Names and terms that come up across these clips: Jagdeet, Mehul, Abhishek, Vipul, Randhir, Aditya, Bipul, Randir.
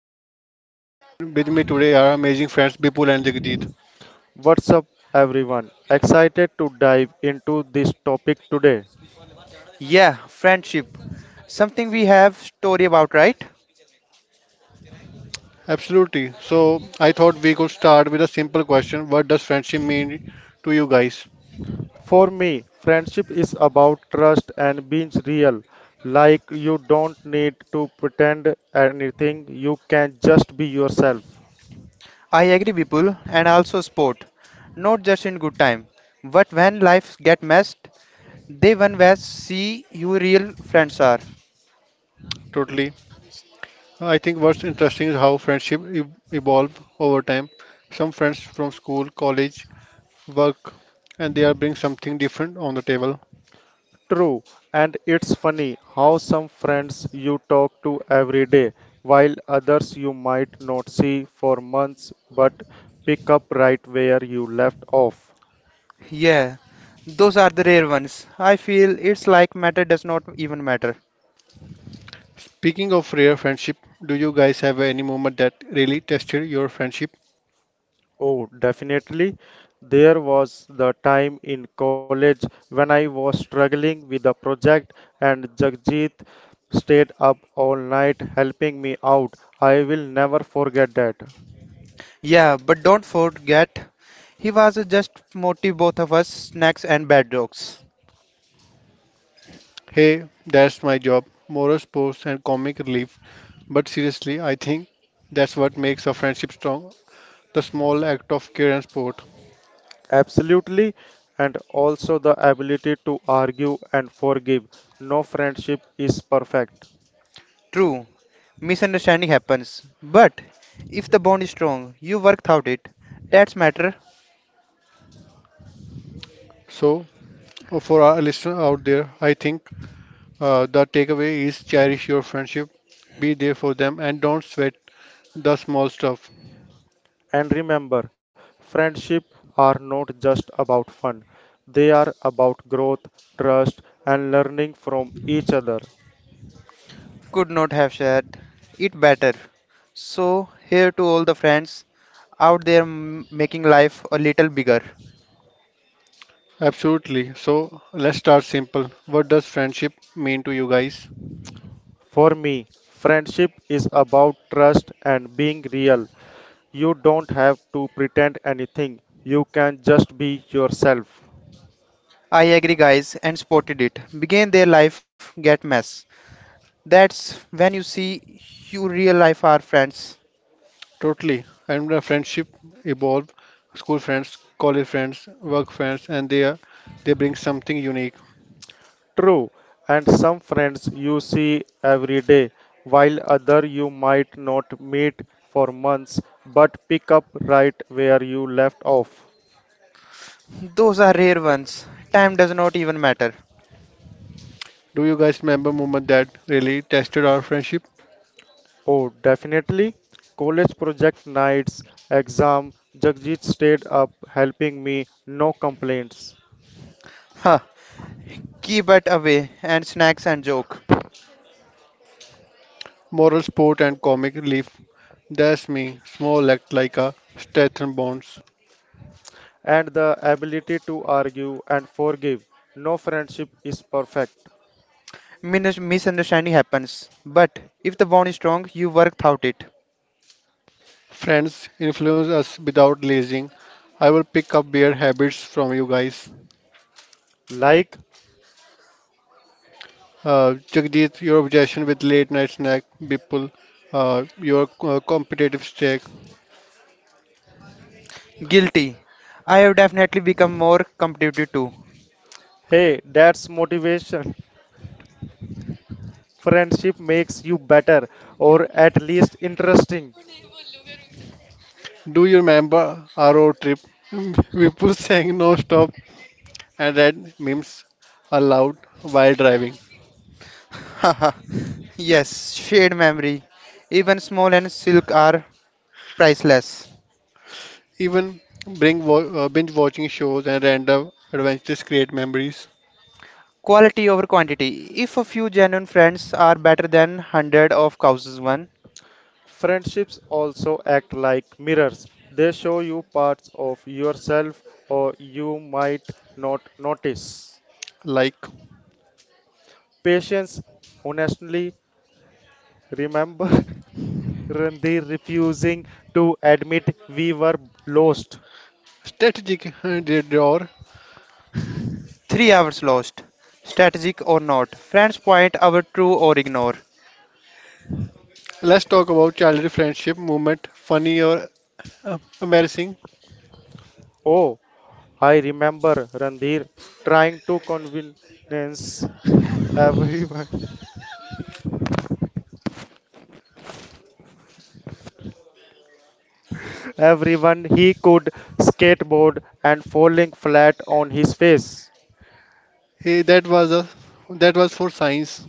I am Randir, and with me today are amazing friends Bipul and Jagdeet. Yeah, friendship. Something we have story about, right? Absolutely. So I thought we could start with a simple question. What does friendship mean to you guys? I agree, people, and also sport. Not just in good time, but when life get messed, they one where see you real friends are. Totally. I think what's interesting is how evolve over time. Some friends from school, college, work, and they are bringing something different on the table. Yeah, those are the rare ones. I feel it's like matter does not even matter. Speaking of rare friendship, do you guys have any moment that really tested your friendship? Yeah, but don't forget, he was just motive both of us, snacks and bad jokes. Hey, that's my job. Moral sports and comic relief. But seriously, I think that's what makes a friendship strong. The small act of care and support. True, misunderstanding happens, but if the bond is strong, you work out it. That's matter. So, for our listeners out there, I think the takeaway is cherish your friendship, be there for them, and don't sweat the small stuff. Could not have shared it better. So, here to all the friends out there making life a little bigger. Absolutely. So, let's start simple. What does friendship mean to you guys? I agree, guys, and spotted it. Begin their life, get mess. That's when you see you real life are friends. Totally. And the friendship evolve. School friends, college friends, work friends, and they bring something unique. Those are rare ones. Time does not even matter. Do you guys remember moment that really tested our friendship? Huh. Keep it away and snacks and joke. Moral support and comic relief. That's me, small act like a strengthen bonds. Misunderstanding happens. But if the bond is strong, you work out it. Friends influence us without lazing. I will pick up beer habits from you guys. Jagdeep, your obsession with late night snack. Bipul, your competitive streak. Guilty. I have definitely become more competitive too. Do you remember our road trip? Bipul sang non-stop and read memes aloud while driving. Yes, shared memory. Even small and silk are priceless. Even binge watching shows and random adventures create memories Quality over quantity. If a few genuine friends are better than hundred of causes one, like strategic drawer. 3 hours lost, strategic or not. Friends point our true or ignore, Let's talk about childhood friendship moment, funny or embarrassing. Hey, that was for science.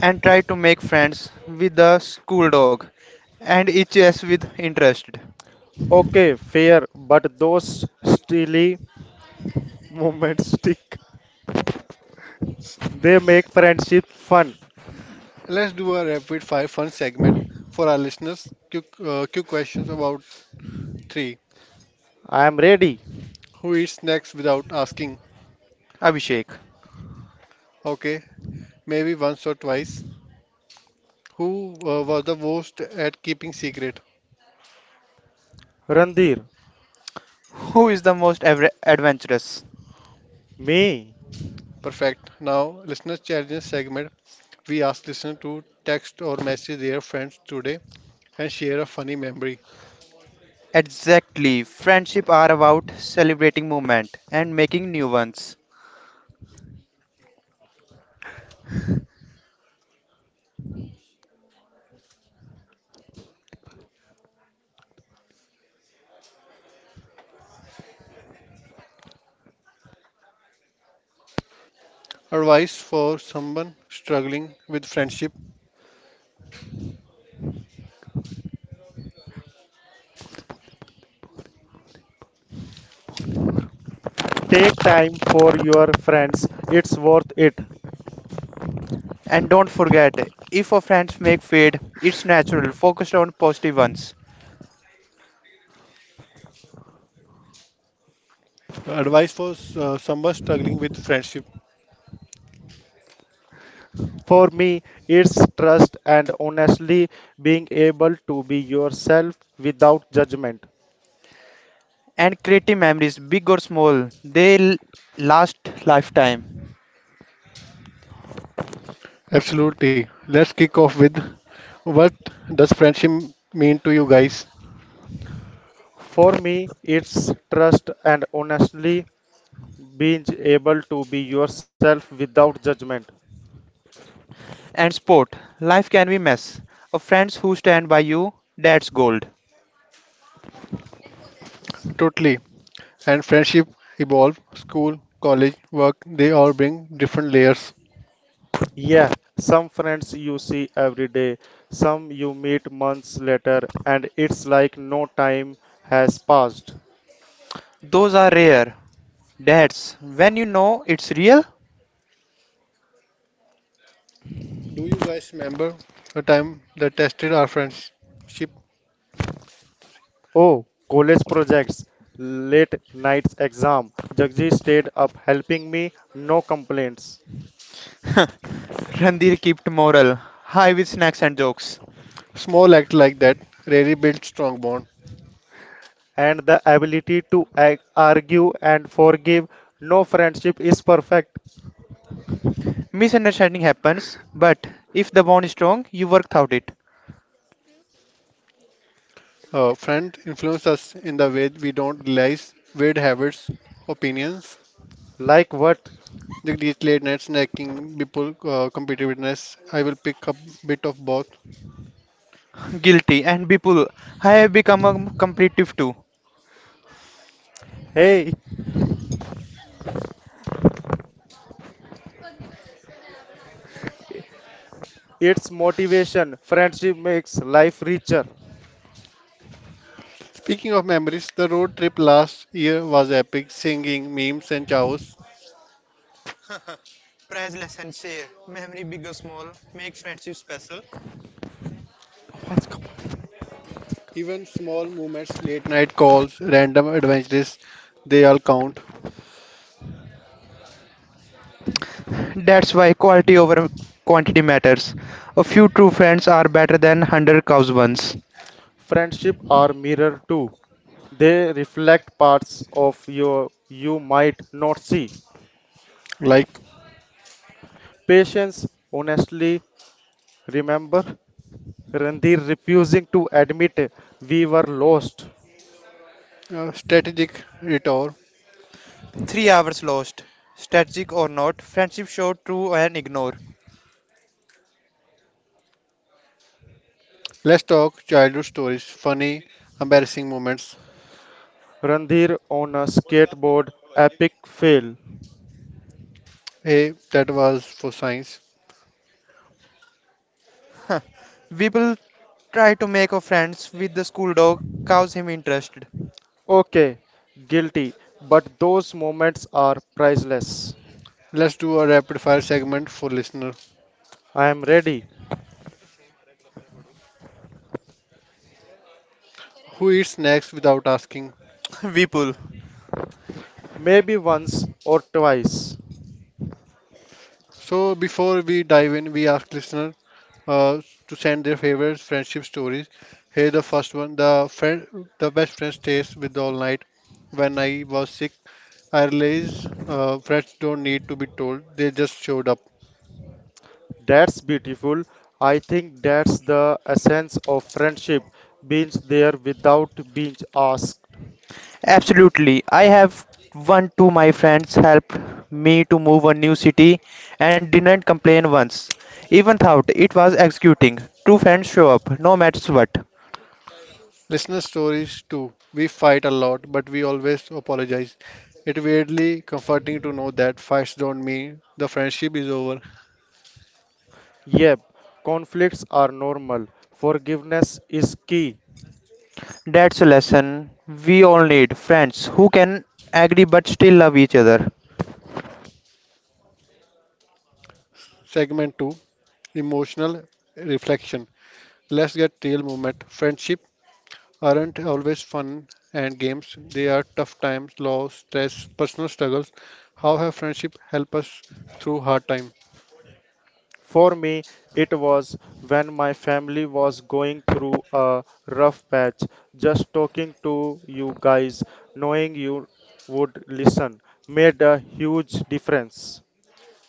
and try to make friends with the school dog, and each yes with interest. Let's do a rapid fire fun segment for our listeners. Quick questions about three. Who eats snacks without asking? Abhishek, Okay, maybe once or twice. Who was the worst at keeping secret? who is the most adventurous? Perfect. Now, listeners' challenges segment. We ask listeners to text or message their friends today and share a funny memory. Exactly. Friendship are about celebrating moment and making new ones. Advice for someone struggling with friendship. And don't forget, if your friends make fade, it's natural. Focus on positive ones Advice for someone struggling with friendship. and creative memories, big or small, they last lifetime. Absolutely. Let's kick off with what does friendship mean to you guys? And sport, life can be mess. Of friends who stand by you, that's gold. Totally. And friendship evolve. School, college, work, they all bring different layers. Those are rare. That's when you know it's real. Do you guys remember a time that tested our friendship? Randir kept moral high with snacks and jokes. Small act like that really builds strong bond. Misunderstanding happens, but if the bond is strong, you work out it. A friend influences us in the way we don't realize weird habits, opinions, The These late night snacking people, competitiveness, I will pick up bit of both. Guilty and people, I have become a competitive too. Speaking of memories, the road trip last year was epic. Singing, memes, and chows. Priceless and share. Memory, big or small, makes friendship special. Even small moments, late night calls, random adventures, they all count. That's why quality over quantity matters. A few true friends are better than 100 cows ones. Like strategic detour. 3 hours lost. Strategic or not, friendship show true and ignore. Let's talk childhood stories, funny, embarrassing moments. Hey, that was for science. Huh. People try to make a friends with the school dog, cause him interested. Let's do a rapid fire segment for listener. Who eats snacks without asking? Weeple. So before we dive in, we ask listener uh, to send their favorite friendship stories. Here the first one, the best friend stays with all night. When I was sick, I realized friends don't need to be told; they just showed up. Absolutely. I have one two my friends helped me to move a new city and didn't complain once. Even thought it was executing. Two friends show up, no matters what. Listener stories too. We fight a lot, but we always apologize. It weirdly comforting to know that fights don't mean the friendship is over. That's a lesson we all need. Friends who can agree but still love each other. Segment two, emotional reflection. Let's get real moment. Friendship aren't always fun and games. They are tough times, loss, stress, personal struggles. How have friendship help us through hard time?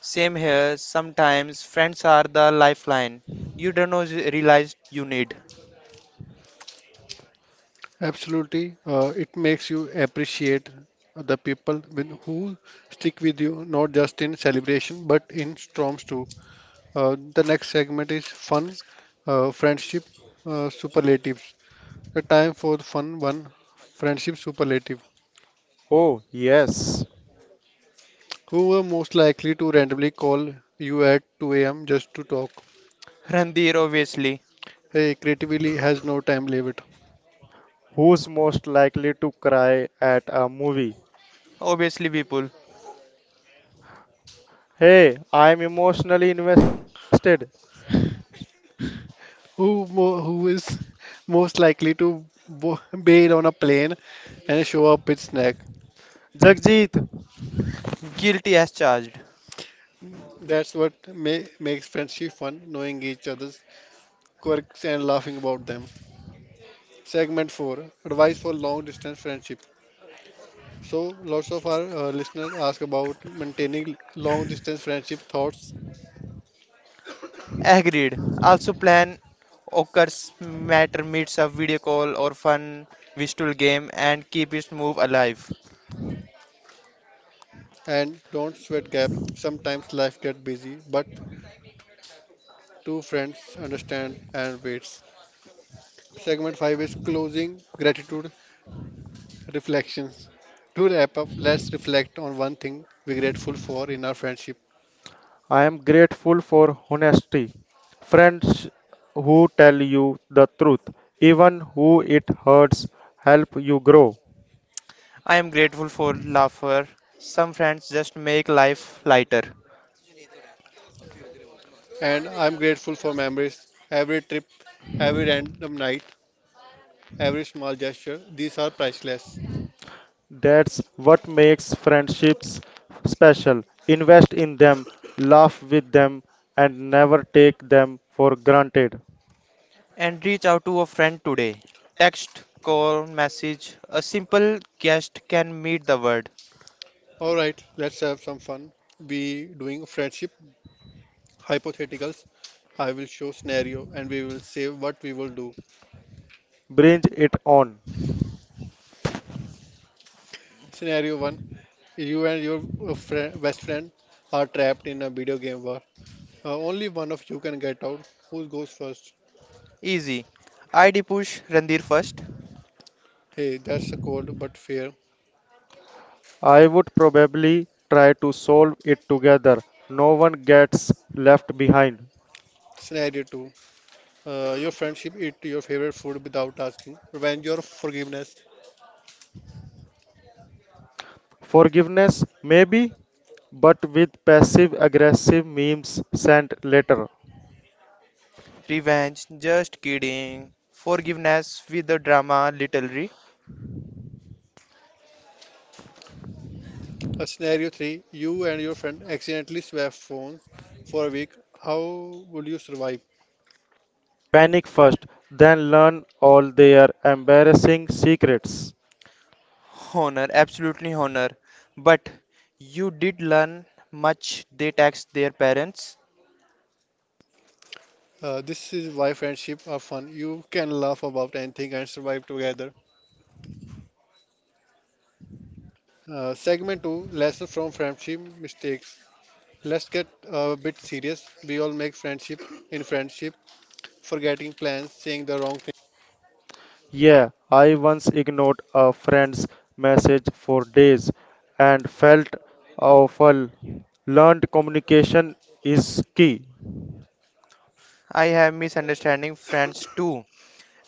Same here. Sometimes friends are the lifeline. You don't know, realize you need. Absolutely, it makes you appreciate the people with who stick with you, not just in celebration but in storms too. The next segment is fun, friendship superlatives. A time for the fun one, friendship superlative. Who were most likely to randomly call you at 2 a.m. just to talk? Randir, obviously. Hey, creativity has no time limit. Obviously, people. Who is most likely to bo bail on a plane and show up with snack? Guilty as charged. That's what ma makes friendship fun, knowing each other's quirks and laughing about them. Segment 4, advice for long distance friendship. So, lots of our listeners ask about maintaining long distance friendship thoughts Agreed. Also, plan Occurs matter meets a video call or fun visual game and keep its move alive. and don't sweat gap. Sometimes life gets busy, but two friends understand and waits. Segment 5 is closing gratitude. Reflections. To wrap up, let's reflect on one thing we're grateful for in our friendship. I am grateful for laughter. Some friends just make life lighter. And I'm grateful for memories, every trip, every random night, every small gesture. These are priceless. And reach out to a friend today. Text, call, message. A simple guest can meet the word. All right, let's have some fun. We doing friendship hypotheticals. I will show scenario and we will say what we will do. Scenario 1. You and your best friend are trapped in a video game war. Only one of you can get out. Who goes first? Easy. ID push Randir first. Hey, that's a cold but fair. Scenario 2. Your friendship eat your favorite food without asking. Revenge or forgiveness. Revenge, just kidding. Forgiveness with the drama, little. Scenario 3. You and your friend accidentally swap phones for a week. How would you survive? Honor, absolutely honor. But you did learn much. They tax their parents. This is why friendships are fun. You can laugh about anything and survive together. Segment 2. Lessons from friendship mistakes. Let's get a bit serious. We all make friendship in friendship, forgetting plans, saying the wrong. I have misunderstanding friends too,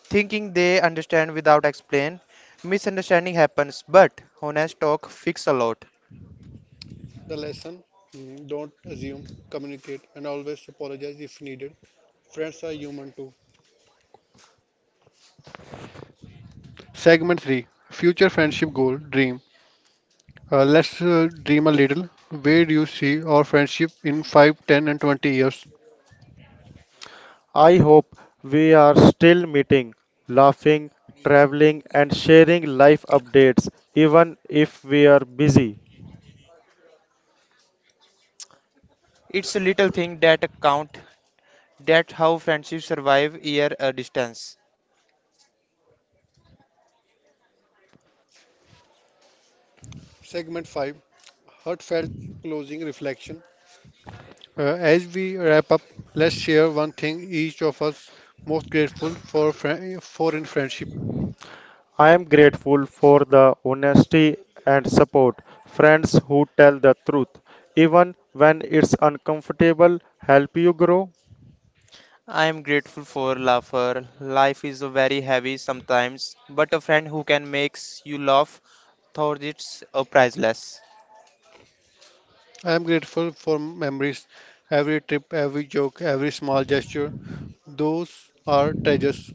thinking they understand without explain. Misunderstanding happens, but honest talk fix a lot. The lesson, don't assume, communicate, and always apologize if needed. Friends are human too. Segment 3, Future Friendship Goal Dream. Let's dream a little. Where do you see our friendship in five, ten, and 20 years? It's a little thing that count. That how friendships survive year a distance. Segment 5, Heartfelt Closing Reflection. As we wrap up, let's share one thing each of us most grateful for in friendship. I am grateful for laughter. Life is very heavy sometimes, but a friend who can makes you laugh, thought it's a priceless. I am grateful for memories, every trip, every joke, every small gesture. Those are treasures.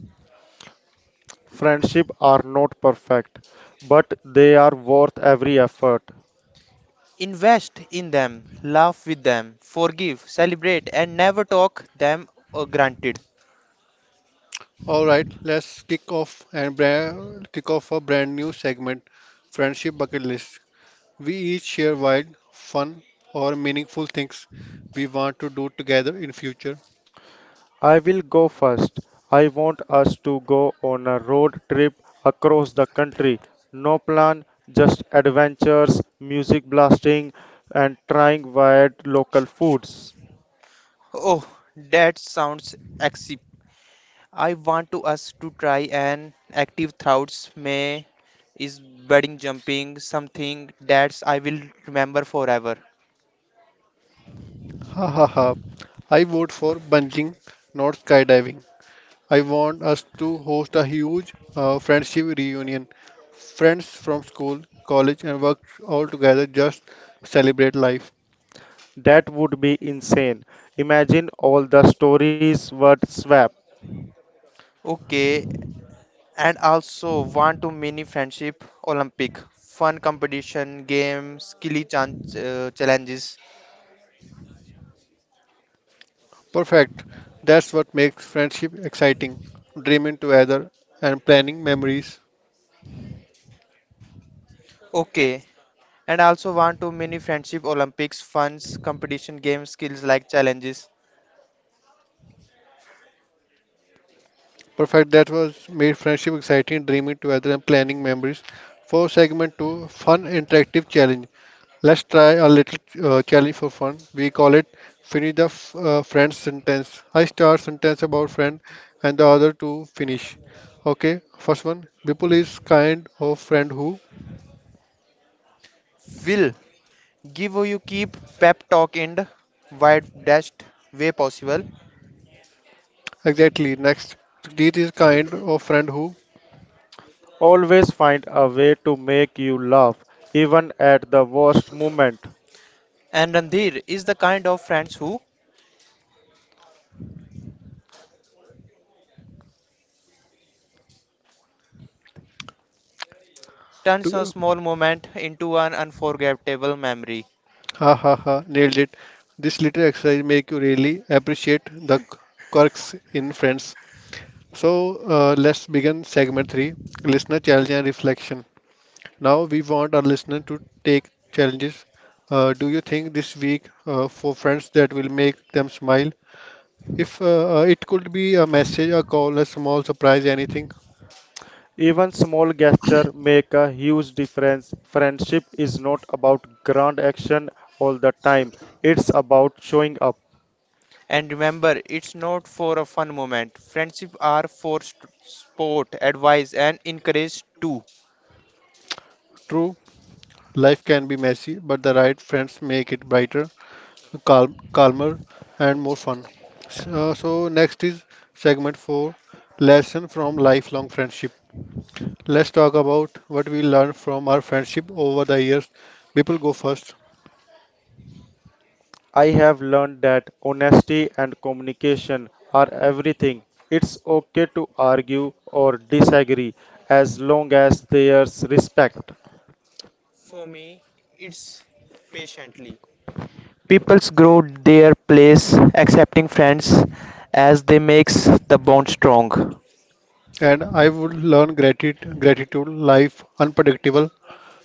Invest in them, laugh with them, forgive, celebrate, and never talk them granted. All right, let's kick off a brand new segment, friendship bucket list. We each share wild, fun, or meaningful things we want to do together in future. Oh, that sounds exip. I want to us to try an active thoughts may is budding jumping something that's I will remember forever. Ha ha ha! I vote for bungee, not skydiving. I want us to host a huge friendship reunion. Friends from school, college, and work all together just celebrate life. Okay, and also want to mini friendship Olympic fun competition game challenges. Perfect. That's what makes friendship exciting. Dreaming together and planning memories. Okay, and I also want to many friendship olympics funds competition games skills like challenges Perfect. That was made friendship exciting. Dreaming together and planning memories. For segment two, fun interactive challenge. Let's try a little challenge for fun. We call it friend sentence. I start sentence about friend, and the other two finish. Okay. First one. Bipul is kind of friend who. will give you keep pep talk in the widest way possible Exactly. Next. Deet is kind of friend who. and Randhir is the kind of friends who turns a small moment into an unforgettable memory Ha ha ha, nailed it. This little exercise make you really appreciate the quirks in friends. So let's begin segment three, listener challenge and reflection. Now we want our listener to take challenges. Do you think this week for friends that will make them smile? If it could be a message, a call, a small surprise, anything. and remember it's not for a fun moment friendship are for sport advice and encourage too True, life can be messy, but the right friends make it brighter. Calmer and more fun. So next is segment 4, lesson from lifelong friendship. Let's talk about what we learned from our friendship over the years. People go first, for me it's patiently Peoples grow their place, accepting friends as they makes the bond strong. and I would learn gratitude, gratitude life unpredictable,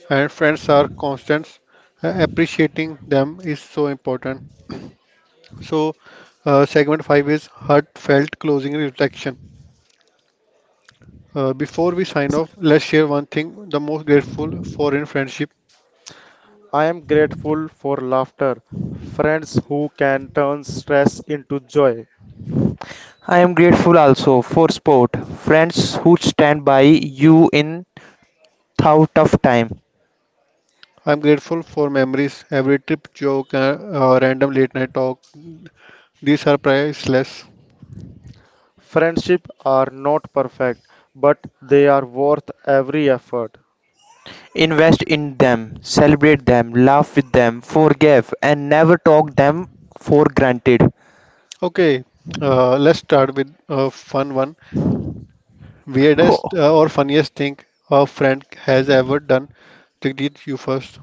and friends are constants. Appreciating them is so important. So segment 5 is heartfelt closing reflection. Before we sign off, let's share one thing the most grateful for in friendship. I am grateful also for sport, friends who stand by you in thought of time. I'm grateful for memories, every trip joke, random late night talk. These are priceless. Invest in them, celebrate them, laugh with them, forgive, and never talk them for granted. Okay, let's start with a fun one. Weirdest Oh, or funniest thing a friend has ever done. Jagdeep, you first.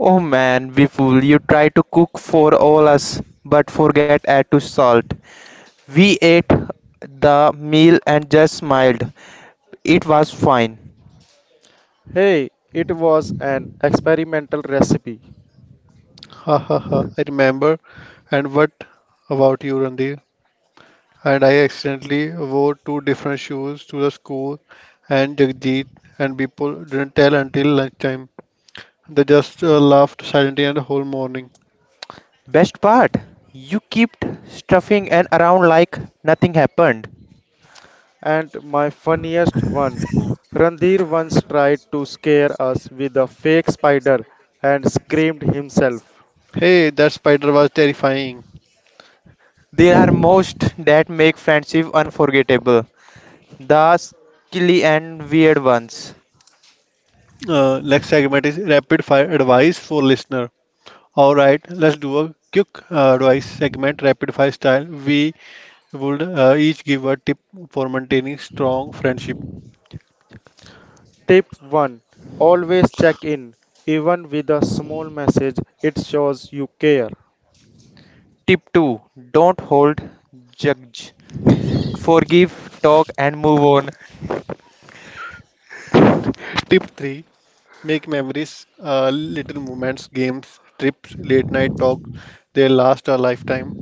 oh man, Vipul, you try to cook for all us, but forget add to salt. We ate the meal and just smiled. It was fine. Ha ha ha. I remember. And what about you, Randir? And I accidentally wore two different shoes to the school, and Jagdeep and people didn't tell until lunchtime. They just laughed silently and the whole morning. Best part, you kept stuffing and around like nothing happened. Hey, that spider was terrifying. There are most that make friendship unforgettable. The silly and weird ones. Next segment is rapid fire advice for listener. All right, let's do a quick advice segment, rapid fire style. We would each give a tip for maintaining strong friendship. Tip 2, don't hold, judge, forgive, talk, and move on. Tip three: make memories, little moments, games, trips, late night talk. They last a lifetime.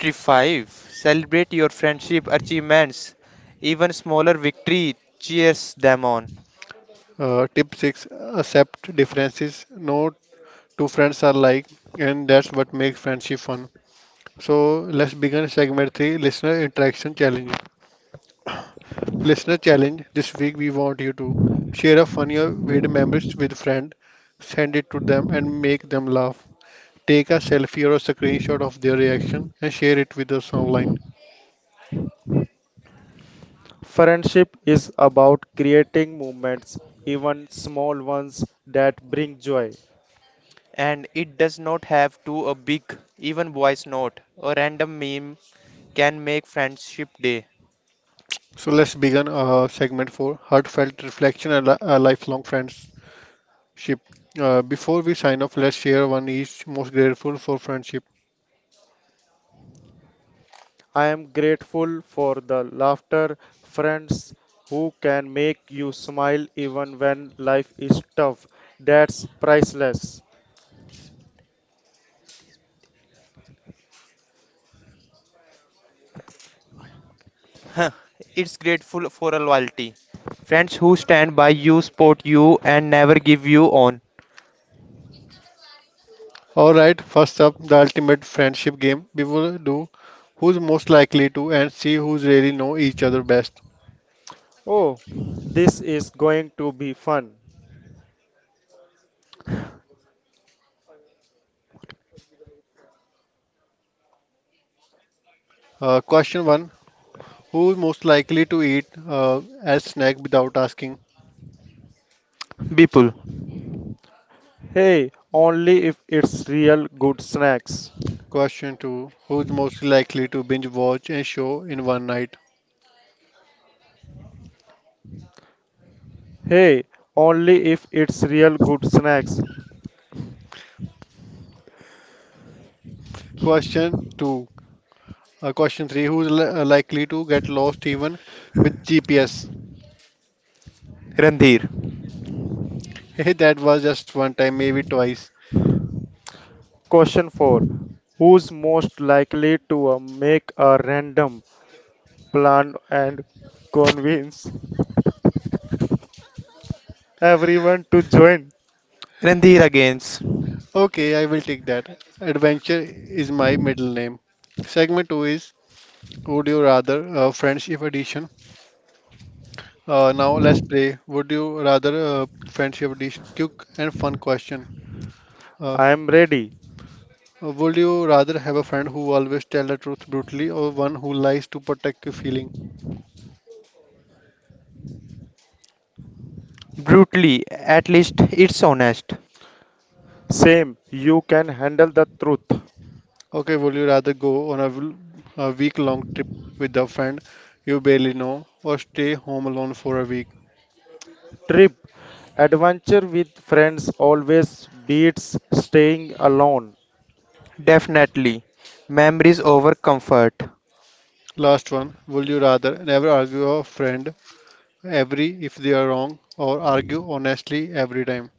Tip 5, celebrate your friendship achievements. Even smaller victory cheers them on. Tip six: accept differences. No two friends are like, and that's what makes friendship fun. So let's begin segment three, listener interaction challenge. Listener challenge. This week we want you to share a funny or weird memory with friend, send it to them and make them laugh. Take a selfie or a screenshot of their reaction and share it with us online. And it does not have to a big, even voice note, a random meme can make Friendship Day. So let's begin segment four, heartfelt reflection and a lifelong friendship. Before we sign off, let's share one each most grateful for friendship. Huh, it's grateful for a loyalty. Friends who stand by you, support you, and never give you on. Alright, first up, the ultimate friendship game. We will do who's most likely to and see who's really know each other best. Question 1, who's most likely to eat a snack without asking? Bipul, Question 2, who's most likely to binge watch a show in one night? Question 2 uh, Question 3, likely to get lost even with GPS? Randhir. Hey, that was just one time, maybe twice. Randhir against. Okay, I will take that. Adventure is my middle name. Segment 2 is Would you rather, friendship edition? Now let's play. Would you rather, friendship edition? Quick and fun question. Uh, would you rather have a friend who always tell the truth brutally or one who lies to protect your feeling? Brutally, at least it's honest. Okay, would you rather go on a week-long trip with a friend you barely know or stay home alone for a week? Definitely. Memories over comfort. Last one. Would you rather never argue with a friend every if they are wrong or argue honestly every time?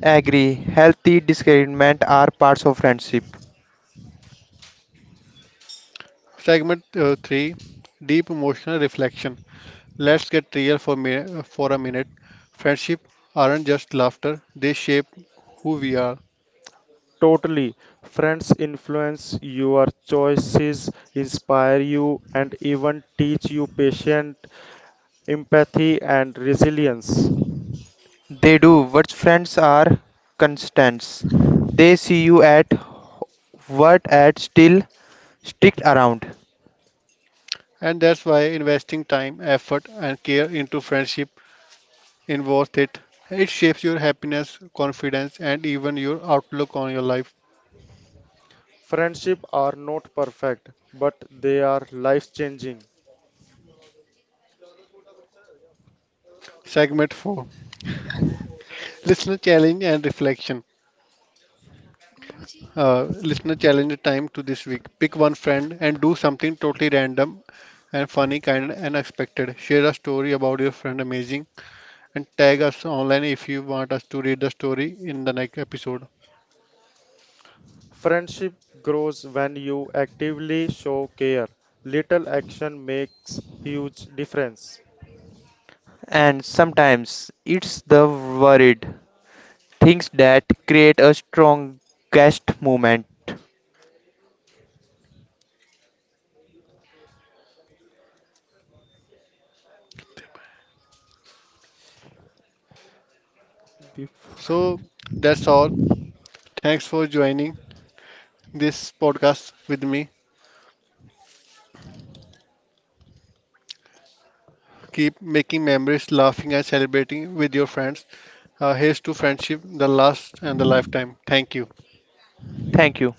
Agree. Healthy disagreement are parts of friendship. Segment 3, Deep Emotional Reflection. Let's get real for a minute. Friendship aren't just laughter, they shape who we are. They do, but friends are constants. They see you at what at still stick around. And that's why investing time, effort, and care into friendship is worth it. It shapes your happiness, confidence, and even your outlook on your life. Segment 4, Listener Challenge and Reflection. Listener challenge time to this week. Pick one friend and do something totally random and funny, kind, and unexpected. Share a story about your friend amazing and tag us online if you want us to read the story in the next episode. And sometimes it's the worried things that create a strongest movement. So that's all. Thanks for joining this podcast with me. Keep making memories, laughing and celebrating with your friends. Here's to friendship, the last and the lifetime. Thank you. Thank you.